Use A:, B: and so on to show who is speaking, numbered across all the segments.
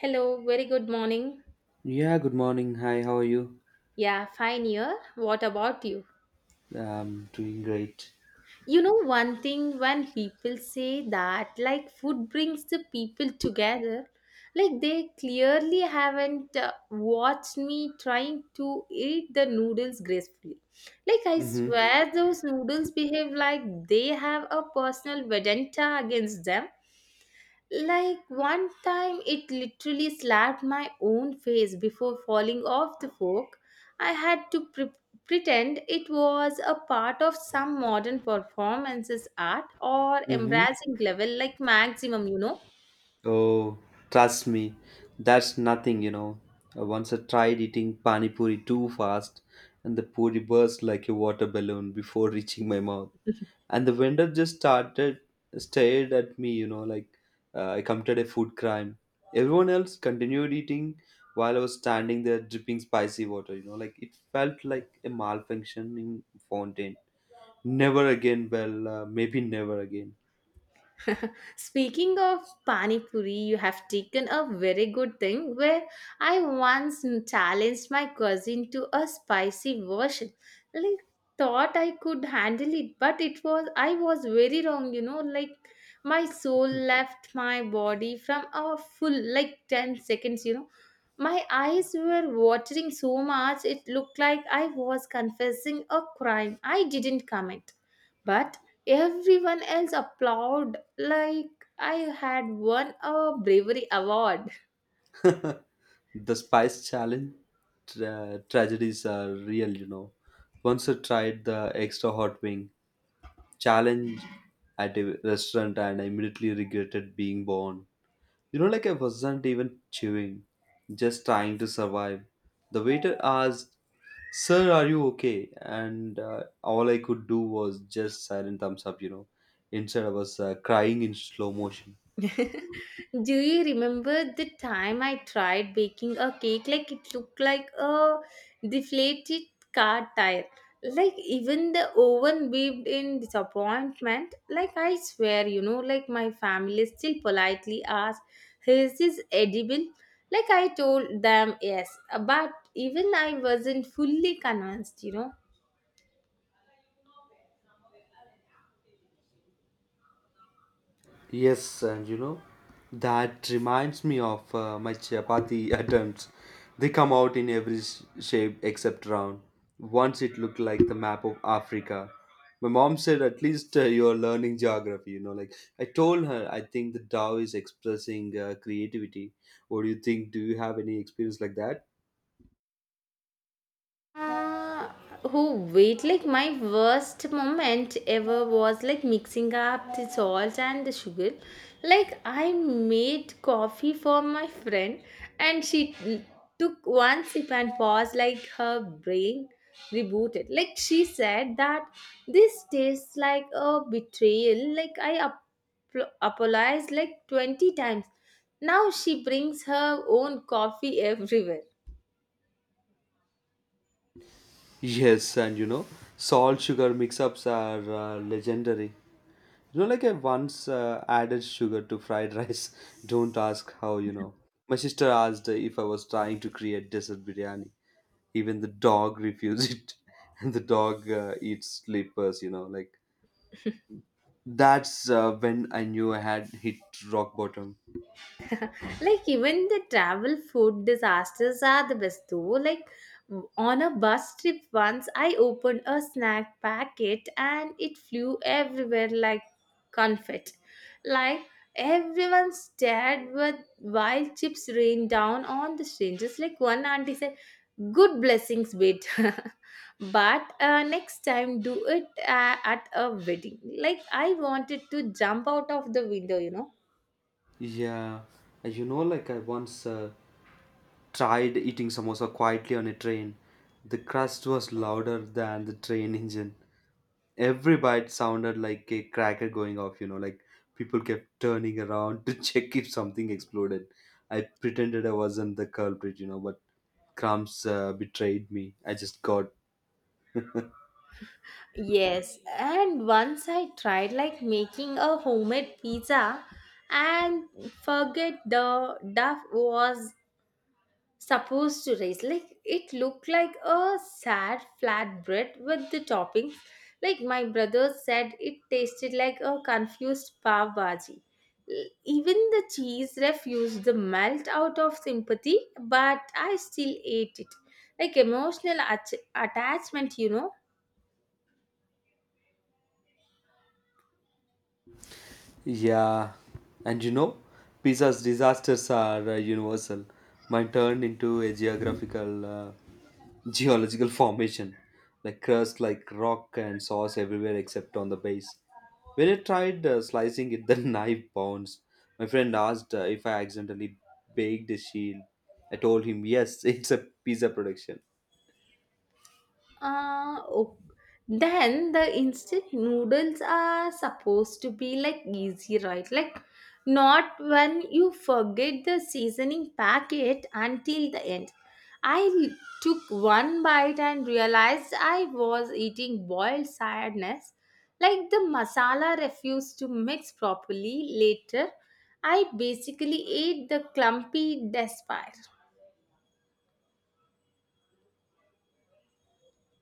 A: Hello, very good morning.
B: Yeah, good morning. Hi, how are you?
A: Yeah, fine here. What about you?
B: I'm doing great.
A: You know, one thing when people say that, like, food brings the people together, like, they clearly haven't watched me trying to eat the noodles gracefully. Like, I
B: Mm-hmm.
A: swear those noodles behave like they have a personal vendetta against them. Like one time, it literally slapped my own face before falling off the fork. I had to pretend it was a part of some modern performances art or
B: Mm-hmm.
A: embarrassing level, like maximum, you know.
B: Oh, trust me, that's nothing. Once I tried eating pani puri too fast, and the puri burst like a water balloon before reaching my mouth. And the vendor just started stared at me, like I committed a food crime. Everyone else continued eating while I was standing there dripping spicy water, like it felt like a malfunctioning fountain. Never again. Well, maybe never again.
A: Speaking of pani puri, you have taken a very good thing where I once challenged my cousin to a spicy version. Like thought I could handle it, but it was I was very wrong, you know, like my soul left my body from a full like 10 seconds, you know. My eyes were watering so much it looked like I was confessing a crime. I didn't commit. But everyone else applauded like I had won a bravery award.
B: The spice challenge tragedies are real. Once I tried the extra hot wing challenge at a restaurant, and I immediately regretted being born. Like I wasn't even chewing, just trying to survive. The waiter asked, "Sir, are you okay?" And all I could do was just silent thumbs up. Instead, I was crying in slow motion.
A: Do you remember the time I tried baking a cake? Like it looked like a deflated car tire. Like even the oven beeped in disappointment. Like I swear, you know, like my family still politely asked, "Is this edible?" Like I told them yes, but even I wasn't fully convinced, you know.
B: Yes, and that reminds me of my chapati attempts. They come out in every shape except round. Once it looked like the map of Africa. My mom said, at least you're learning geography. Like, I told her, I think the Tao is expressing creativity. What do you think? Do you have any experience like that?
A: Uh, oh wait, like my worst moment ever was like mixing up the salt and the sugar. Like I made coffee for my friend and she took one sip and paused like her brain rebooted. Like she said that this tastes like a betrayal. Like I apologized like 20 times. Now she brings her own coffee everywhere.
B: Yes, and salt sugar mix ups are legendary. Like I once added sugar to fried rice. Don't ask how. My sister asked if I was trying to create desert biryani. Even the dog refused it. And the dog eats slippers. Like, that's when I knew I had hit rock bottom.
A: Like even the travel food disasters are the best though, like on a bus trip once I opened a snack packet and it flew everywhere like confetti. Like everyone stared with while chips rained down on the strangers. Like one auntie said good blessings wait, but next time do it at a wedding. Like I wanted to jump out of the window, you know.
B: Yeah. Like I once tried eating samosa quietly on a train. The crust was louder than the train engine. Every bite sounded like a cracker going off, like people kept turning around to check if something exploded. I pretended I wasn't the culprit, but crumbs betrayed me. I just got.
A: Yes, and once I tried like making a homemade pizza and forget the duff was supposed to raise. Like it looked like a sad flatbread with the toppings. Like my brother said it tasted like a confused pav bhaji. Even the cheese refused to melt out of sympathy, but I still ate it. Like emotional attachment, you know.
B: Yeah, and pizza's disasters are universal. Mine turned into a geological formation, like crust, like rock, and sauce everywhere except on the base. When I tried slicing it, the knife bounced. My friend asked if I accidentally baked a shield. I told him yes, it's a pizza production.
A: Oh. Then the instant noodles are supposed to be like easy, right? Like not when you forget the seasoning packet until the end. I l- Took one bite and realized I was eating boiled sadness. Like the masala refused to mix properly. Later, I basically ate the clumpy despair.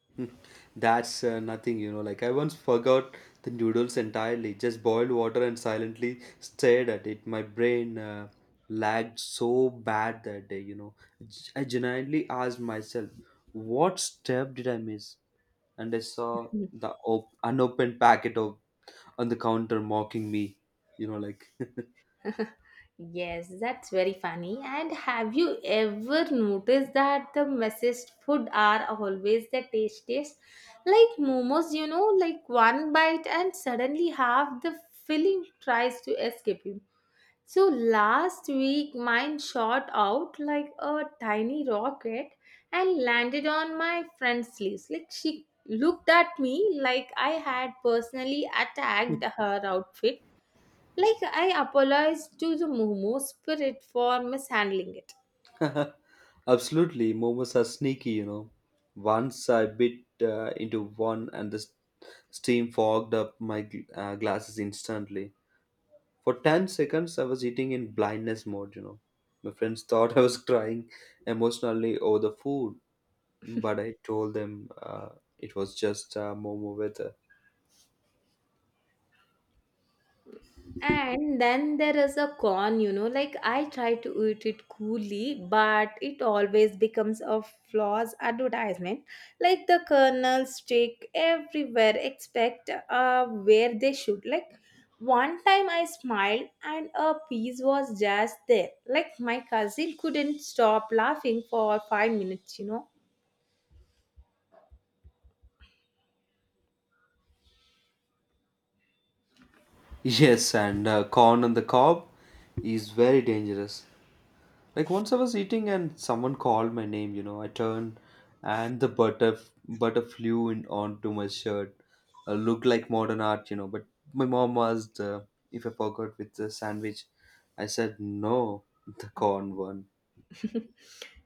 B: That's nothing, you know. Like I once forgot the noodles entirely, just boiled water and silently stared at it. My brain lagged so bad that day. I genuinely asked myself, what step did I miss? And I saw
A: Hmm.
B: the unopened packet of on the counter mocking me, like.
A: Yes, that's very funny. And have you ever noticed that the messiest food are always the tastiest? Like momos, you know, like one bite and suddenly half the filling tries to escape you. So last week mine shot out like a tiny rocket and landed on my friend's sleeves. Like she looked at me like I had personally attacked her outfit. Like, I apologized to the Momo spirit for mishandling it.
B: Absolutely, momos are sneaky, you know. Once I bit into one and the steam fogged up my glasses instantly. For 10 seconds, I was eating in blindness mode. My friends thought I was crying emotionally over the food, but I told them it was just momo weather.
A: And then there is a con, you know, like I try to eat it coolly, but it always becomes a flaw's advertisement. Like the kernels stick everywhere, except where they should. Like one time I smiled and a piece was just there. Like my cousin couldn't stop laughing for 5 minutes, you know.
B: Yes, and corn on the cob is very dangerous. Like once I was eating and someone called my name, I turned and the butter flew in onto my shirt. Looked like modern art, but my mom asked if I forgot with the sandwich. I said no, the corn one.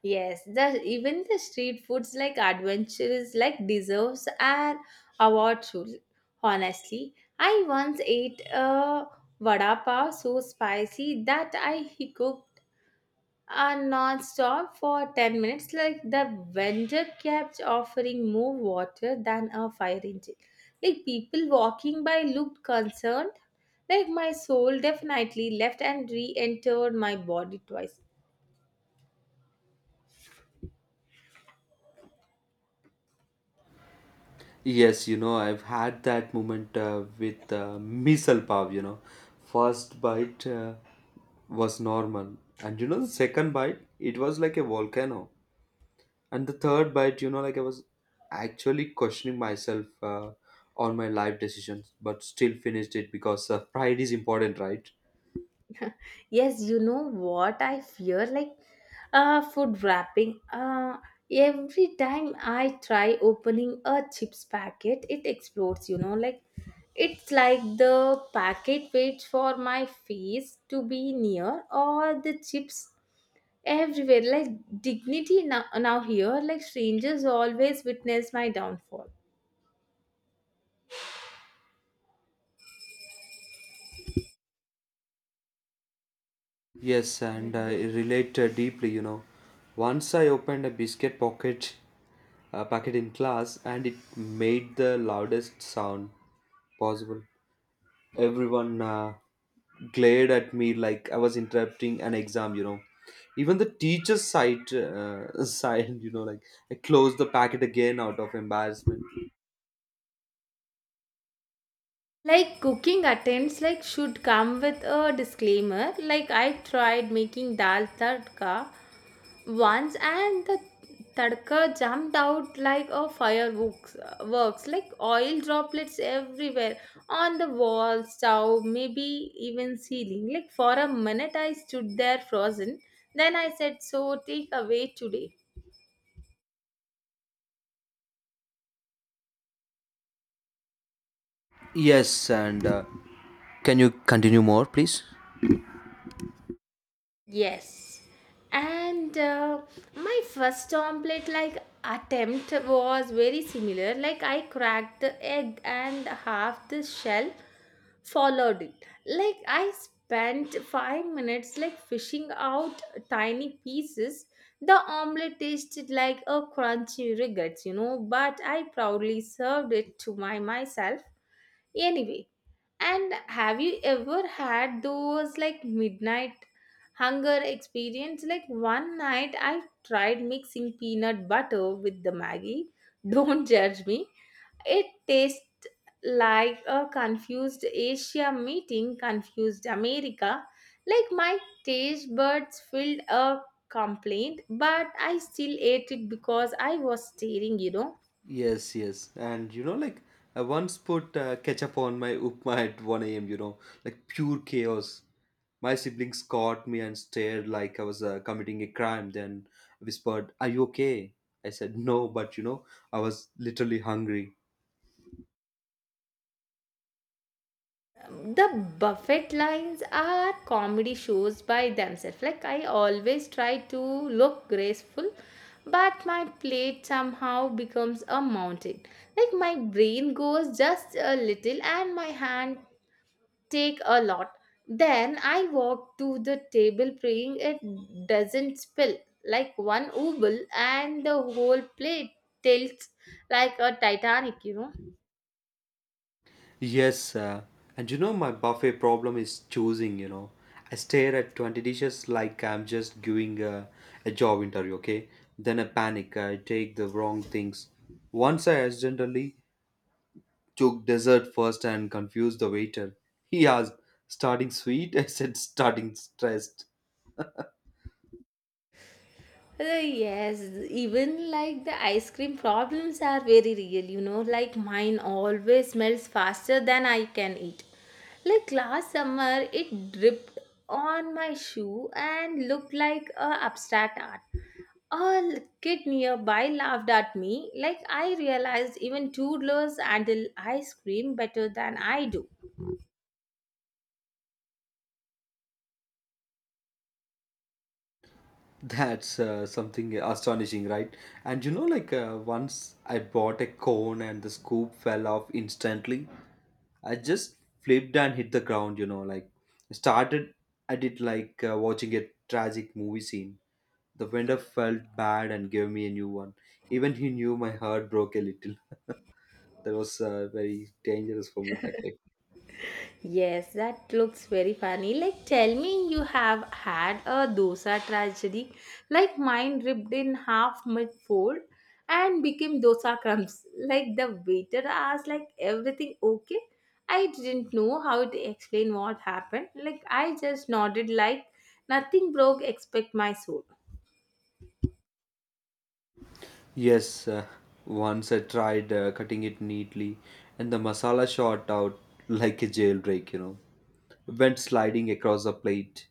A: Yes, the even the street foods like adventures like deserves an award too. Honestly, I once ate a vada pav so spicy that I he cooked non-stop for 10 minutes like the vendor kept offering more water than a fire engine. Like people walking by looked concerned, like my soul definitely left and re-entered my body twice.
B: Yes, I've had that moment with misal pav. First bite was normal, and the second bite, it was like a volcano. And the third bite, like I was actually questioning myself, on my life decisions, but still finished it because, pride is important, right?
A: Yes, you know what I fear? Like food wrapping. Every time I try opening a chips packet, it explodes, you know. Like it's like the packet waits for my face to be near or the chips everywhere. Like dignity now, now here, like strangers always witness my downfall.
B: Yes, and I relate deeply. Once I opened a biscuit pocket packet in class, and it made the loudest sound possible. Everyone glared at me like I was interrupting an exam. Even the teacher's side, side, like I closed the packet again out of embarrassment.
A: Like cooking attempts like should come with a disclaimer. Like I tried making dal tadka once and the tadka jumped out like a fireworks works. Like oil droplets everywhere on the wall stove maybe even ceiling. Like for a minute I stood there frozen, then I said so take away today.
B: Yes, and can you continue more, please?
A: Yes, and my first omelette like attempt was very similar. Like I cracked the egg and half the shell followed it. Like I spent 5 minutes like fishing out tiny pieces. The omelette tasted like a crunchy regrets, you know, but I proudly served it to my myself anyway. And have you ever had those like midnight hunger experience? Like one night I tried mixing peanut butter with the Maggie. Don't judge me. It tastes like a confused Asia meeting confused America, like my taste buds filled a complaint, but I still ate it because I was staring, you know.
B: Yes, yes, and like I once put ketchup on my upma at 1 a.m. Like pure chaos. My siblings caught me and stared like I was committing a crime. Then whispered, "Are you okay?" I said, "No," but I was literally hungry.
A: The buffet lines are comedy shows by themselves. Like I always try to look graceful, but my plate somehow becomes a mountain. Like my brain goes just a little and my hand take a lot. Then I walk to the table praying it doesn't spill, like one oval and the whole plate tilts like a Titanic, you know.
B: Yes, and my buffet problem is choosing, you know. I stare at 20 dishes like I'm just doing a job interview, okay? Then I panic, I take the wrong things. Once I accidentally took dessert first and confused the waiter. He asked, starting sweet? I said, starting stressed.
A: Yes, even like the ice cream problems are very real, you know. Like mine always smells faster than I can eat. Like last summer, it dripped on my shoe and looked like a abstract art. A kid nearby laughed at me. Like I realized even toddlers handle ice cream better than I do.
B: That's something astonishing, right? And like once I bought a cone and the scoop fell off instantly. I just flipped and hit the ground, like started I did like watching a tragic movie scene. The vendor felt bad and gave me a new one. Even he knew my heart broke a little. That was very dangerous for me that day.
A: Yes, that looks very funny. Like, tell me you have had a dosa tragedy. Like, mine ripped in half mid fold and became dosa crumbs. Like, the waiter asked, like, everything okay? I didn't know how to explain what happened. Like, I just nodded, like, nothing broke except my soul.
B: Yes, once I tried cutting it neatly, and the masala shot out like a jailbreak, you know. Went sliding across the plate.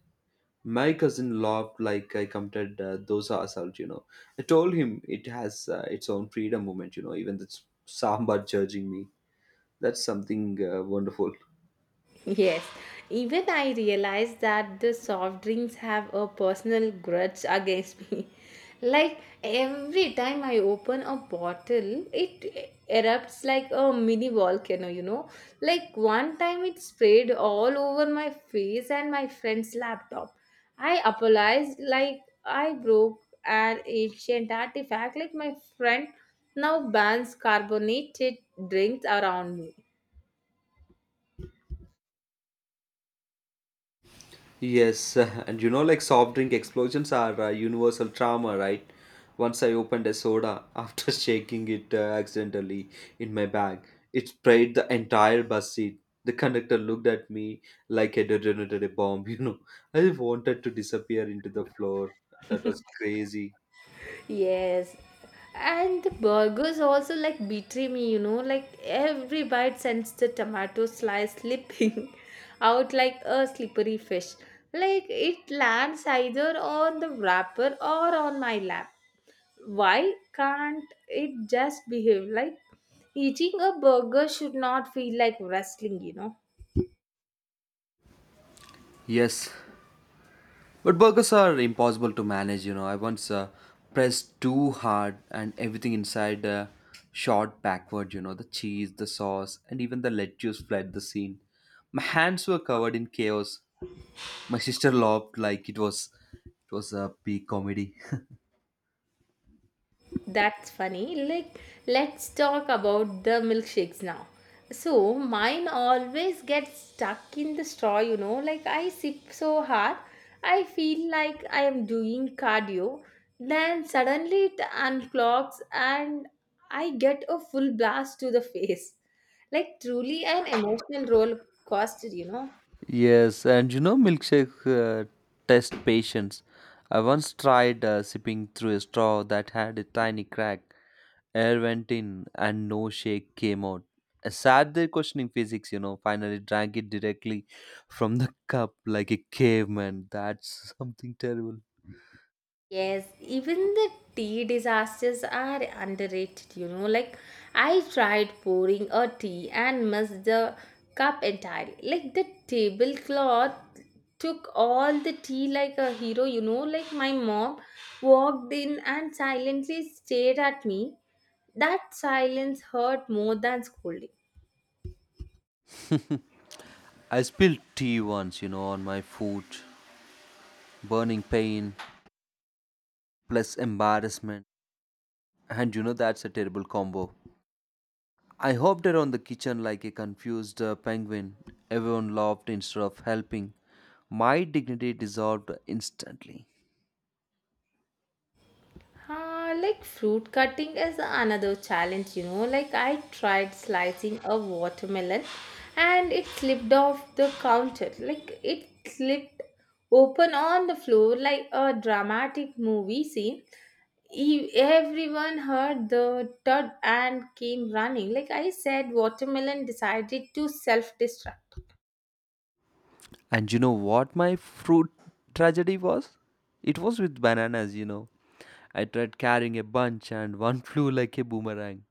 B: My cousin laughed like I committed dosa assault. I told him it has its own freedom movement. Even the sambar judging me. That's something wonderful.
A: Yes, even I realized that the soft drinks have a personal grudge against me. Like every time I open a bottle, it erupts like a mini volcano, you know. Like one time it sprayed all over my face and my friend's laptop. I apologized like I broke an ancient artifact, like my friend now bans carbonated drinks around me.
B: Yes, and like soft drink explosions are a universal trauma, right? Once I opened a soda after shaking it accidentally in my bag, it sprayed the entire bus seat. The conductor looked at me like I detonated a bomb. I wanted to disappear into the floor. That was crazy.
A: Yes. And the burgers also like betray me, you know, like every bite sends the tomato slice slipping out like a slippery fish. Like it lands either on the wrapper or on my lap. Why can't it just behave? Like eating a burger should not feel like wrestling, you know?
B: Yes, but burgers are impossible to manage. I once pressed too hard, and everything inside shot backward. The cheese, the sauce, and even the lettuce fled the scene. My hands were covered in chaos. My sister laughed like it was a peak comedy.
A: That's funny. Like, let's talk about the milkshakes now. So, mine always gets stuck in the straw, you know. Like, I sip so hard, I feel like I am doing cardio. Then suddenly it unclogs and I get a full blast to the face. Like, truly an emotional roller coaster, you know.
B: Yes, and milkshake test patience. I once tried sipping through a straw that had a tiny crack. Air went in and no shake came out. I sat there questioning physics, finally drank it directly from the cup like a caveman. That's something terrible.
A: Yes, even the tea disasters are underrated, you know. Like, I tried pouring a tea and missed the cup entirely. Like, the tablecloth took all the tea like a hero, you know. Like, my mom walked in and silently stared at me. That silence hurt more than scolding.
B: I spilled tea once, on my foot, burning pain plus embarrassment. And that's a terrible combo. I hopped around the kitchen like a confused penguin. Everyone laughed instead of helping. My dignity dissolved instantly.
A: Like fruit cutting is another challenge, you know. Like I tried slicing a watermelon and it slipped off the counter. Like it slipped open on the floor like a dramatic movie scene. Everyone heard the thud and came running. Like I said, watermelon decided to self destruct.
B: And you know what my fruit tragedy was? It was with bananas, you know. I tried carrying a bunch and one flew like a boomerang.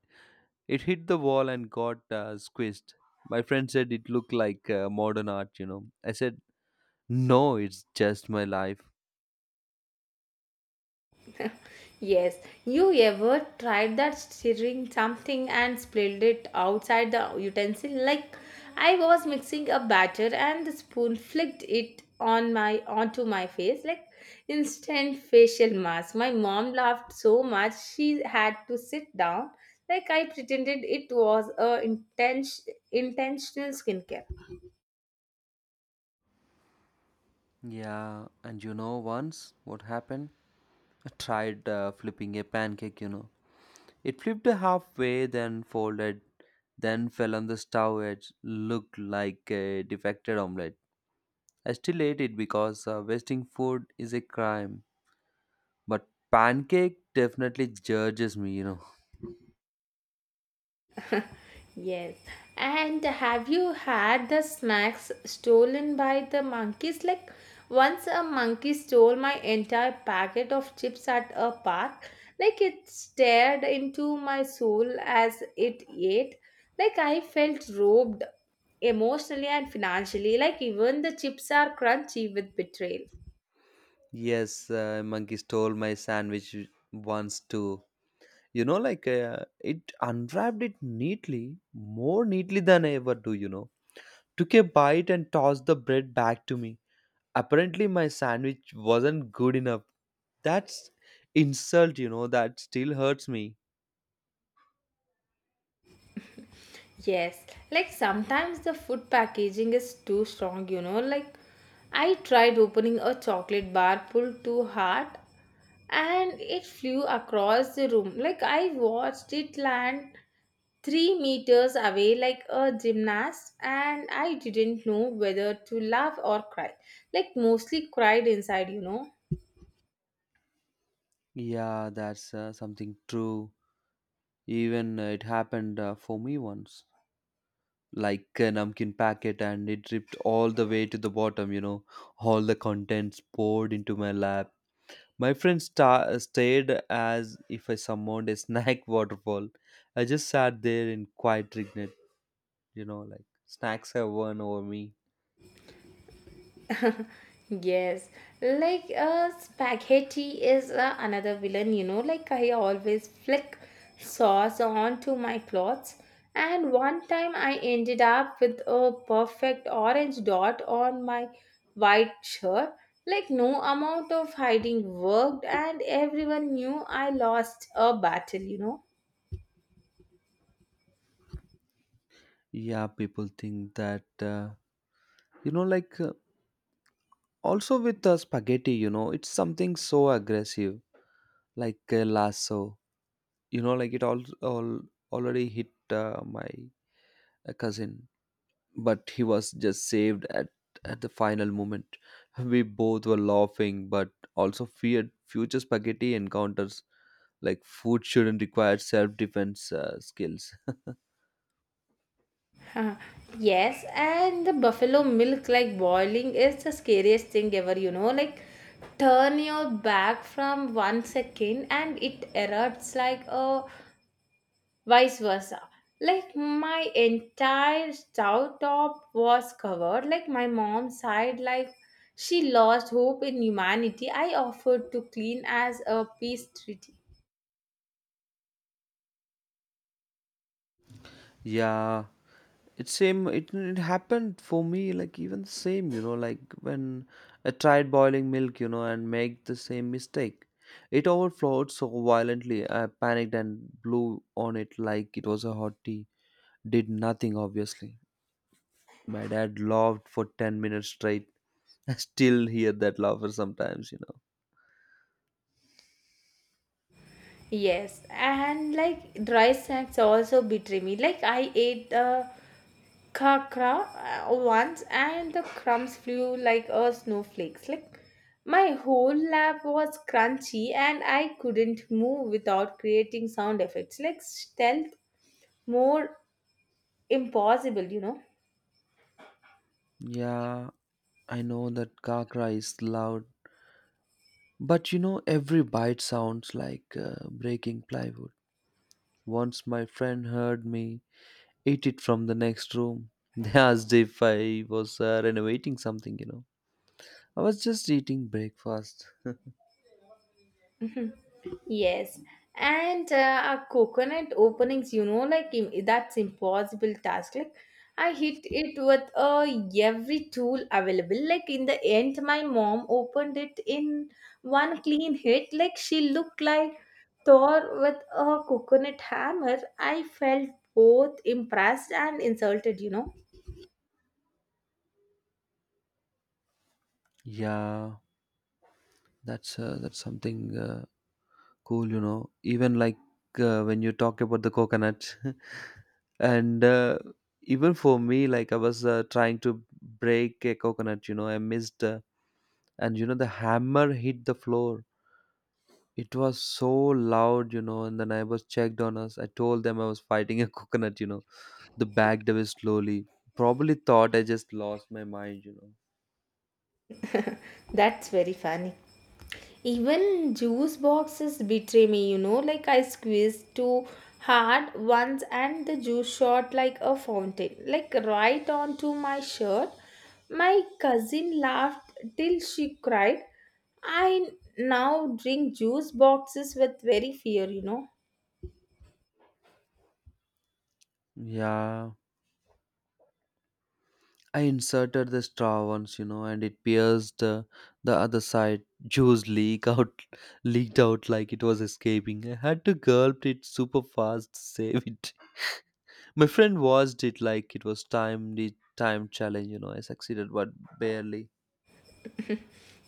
B: It hit the wall and got squished. My friend said it looked like modern art. I said, no, it's just my life.
A: Yes, you ever tried that stirring something and spilled it outside the utensil? Like I was mixing a batter and the spoon flicked it on my onto my face like instant facial mask. My mom laughed so much she had to sit down. Like I pretended it was a intense intentional skincare.
B: Yeah, and once what happened? I tried flipping a pancake. It flipped halfway, then folded, then fell on the stove edge. Looked like a defected omelette. I still ate it because wasting food is a crime. But pancake definitely judges me.
A: Yes. And have you had the snacks stolen by the monkeys? Like once a monkey stole my entire packet of chips at a park. Like it stared into my soul as it ate. Like I felt robbed emotionally and financially. Like even the chips are crunchy with betrayal.
B: Yes, a monkey stole my sandwich once too. Like, it unwrapped it neatly, more neatly than I ever do. Took a bite and tossed the bread back to me. Apparently my sandwich wasn't good enough. That's insult. That still hurts me.
A: Yes, like sometimes the food packaging is too strong, you know. Like I tried opening a chocolate bar, pulled too hard, and it flew across the room. Like I watched it land 3 meters away like a gymnast, and I didn't know whether to laugh or cry. Like mostly cried inside, you know.
B: Yeah, that's something true. Even it happened for me once. Like a napkin packet, and it dripped all the way to the bottom, all the contents poured into my lap. My friend stared as if I summoned a snack waterfall. I just sat there in quiet regret, like snacks have won over me.
A: Yes, like spaghetti is another villain, you know. Like I always flick sauce onto my clothes, and one time I ended up with a perfect orange dot on my white shirt. Like no amount of hiding worked, and everyone knew I lost a battle, you know.
B: Yeah, people think that. Like also with the spaghetti, it's something so aggressive, like a lasso, like it all already hit my cousin, but he was just saved at the final moment. We both were laughing but also feared future spaghetti encounters. Like, food shouldn't require self-defense skills.
A: Uh, yes, and the buffalo milk, like boiling, is the scariest thing ever, you know. Like, turn your back from 1 second and it erupts like a vice versa. Like, my entire stove top was covered. Like, my mom sighed, like, she lost hope in humanity. I offered to clean as a peace treaty.
B: Yeah, it's same. It happened for me like even the same. Like when I tried boiling milk, and make the same mistake. It overflowed so violently. I panicked and blew on it like it was a hot tea. Did nothing obviously. My dad laughed for 10 minutes straight. I still hear that laughter sometimes.
A: Yes, and like dry snacks also betray me. Like I ate Kakra once, and the crumbs flew like a snowflakes. Like my whole lap was crunchy, and I couldn't move without creating sound effects. Like stealth, more impossible, you know.
B: Yeah, I know that kakra is loud, but every bite sounds like breaking plywood. Once my friend heard me eat it from the next room. They asked if I was renovating something. I was just eating breakfast.
A: Yes, and a coconut openings, you know, like that's impossible task. Like I hit it with every tool available. Like in the end, my mom opened it in one clean hit. Like she looked like Thor with a coconut hammer. I felt both impressed and insulted, you know.
B: Yeah, that's something cool, you know. Even like when you talk about the coconut, and even for me, like I was trying to break a coconut, I missed, and the hammer hit the floor. It was so loud, and the neighbors checked on us. I told them I was fighting a coconut. The bag diver slowly. Probably thought I just lost my mind.
A: That's very funny. Even juice boxes betray me, you know, like I squeezed too hard once and the juice shot like a fountain, like right onto my shirt. My cousin laughed till she cried. I now drink juice boxes with very fear, you know.
B: Yeah, I inserted the straw once, and it pierced the other side. Juice leak out, leaked out like it was escaping. I had to gulp it super fast to save it. My friend watched it like it was the time challenge. I succeeded, but barely.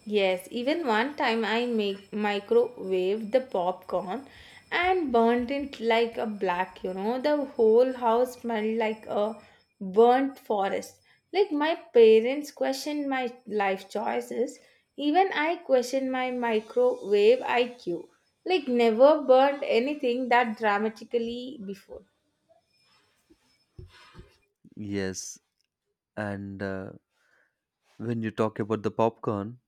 A: Yes, even one time I make microwave the popcorn and burnt it like a black, you know. The whole house smelled like a burnt forest. Like my parents questioned my life choices. Even I questioned my microwave IQ. Like never burnt anything that dramatically before.
B: Yes, and when you talk about the popcorn,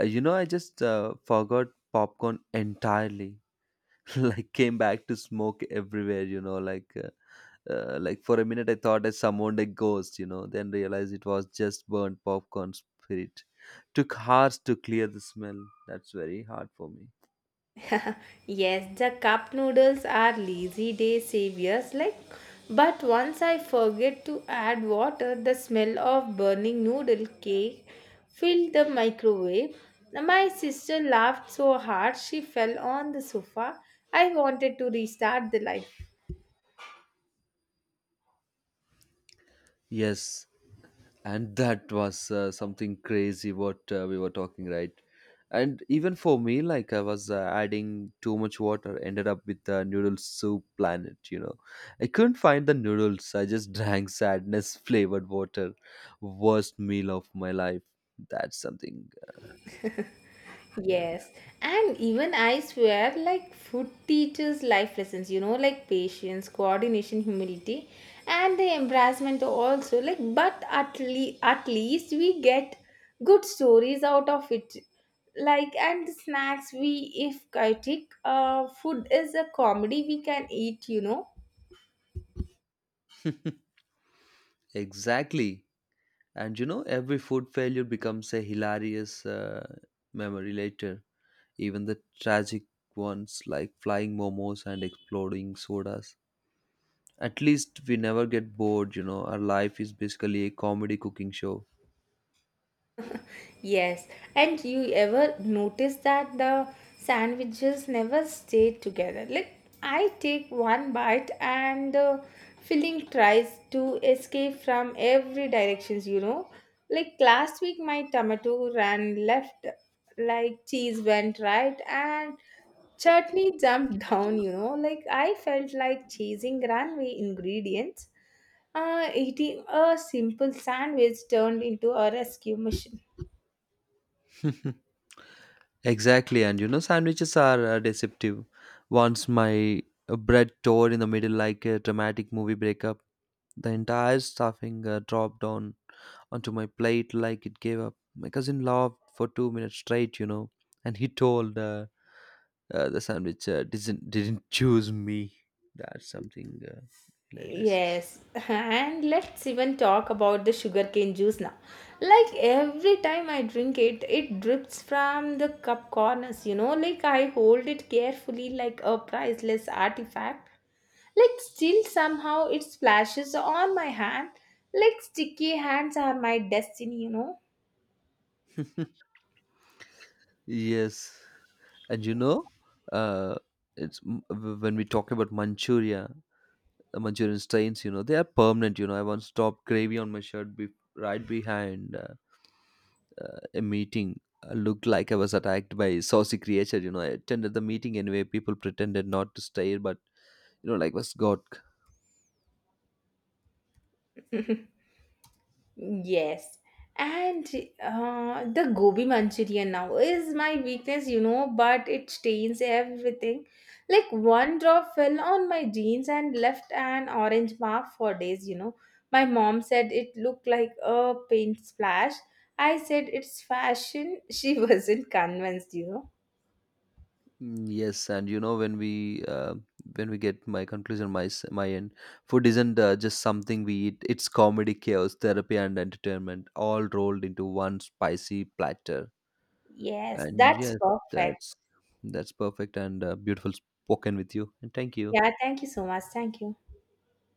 B: I just forgot popcorn entirely. Like, came back to smoke everywhere, like for a minute I thought I summoned a ghost. Then realized it was just burnt popcorn spirit. Took hours to clear the smell. That's very hard for me.
A: Yes, the cup noodles are lazy day saviors like but once I forget to add water, the smell of burning noodle cake filled the microwave. My sister laughed so hard she fell on the sofa. I wanted to restart the life.
B: Yes, and that was something crazy what we were talking right. And even for me, like I was adding too much water, ended up with the noodle soup planet. I couldn't find the noodles. I just drank sadness flavored water. Worst meal of my life. That's something
A: Yes, and even I swear, like, food teaches life lessons, you know, like patience, coordination, humility, and the embarrassment also. Like, but at, at least we get good stories out of it. Like, and the snacks we, if chaotic, food is a comedy we can eat, you know.
B: that. Exactly, and every food failure becomes a hilarious memory later. Even the tragic ones, like flying momos and exploding sodas. At least we never get bored. Our life is basically a comedy cooking show.
A: Yes, and you ever notice that the sandwiches never stay together? Like, I take one bite and the filling tries to escape from every directions, you know. Like last week, my tomato ran left, like cheese went right, and chutney jumped down, you know. Like I felt like chasing runaway ingredients. Eating a simple sandwich turned into a rescue mission.
B: Exactly, and sandwiches are deceptive. Once my bread tore in the middle like a dramatic movie breakup, the entire stuffing dropped on onto my plate like it gave up. My cousin laughed for 2 minutes straight, and he told the sandwich didn't choose me. That's something hilarious.
A: Yes, and let's even talk about the sugarcane juice now. Like every time I drink it, it drips from the cup corners, you know. Like I hold it carefully like a priceless artifact. Like still somehow it splashes on my hand. Like sticky hands are my destiny, you know.
B: Yes, and uh, when we talk about Manchurian stains. You know, they are permanent. I once dropped gravy on my shirt right behind a meeting. I looked like I was attacked by a saucy creature. I attended the meeting anyway. People pretended not to stare, but like was God.
A: Yes. And the gobi manchurian now is my weakness, you know, but it stains everything. Like one drop fell on my jeans and left an orange mark for days, you know. My mom said it looked like a paint splash. I said it's fashion. She wasn't convinced, you know.
B: Mm, yes, and when we get my conclusion, my end, food isn't just something we eat. It's comedy, chaos, therapy, and entertainment all rolled into one spicy platter.
A: Yes,
B: And yes,
A: that's perfect.
B: that's that's perfect and beautiful spoken with you. And thank you.
A: Yeah, thank you so much. Thank you.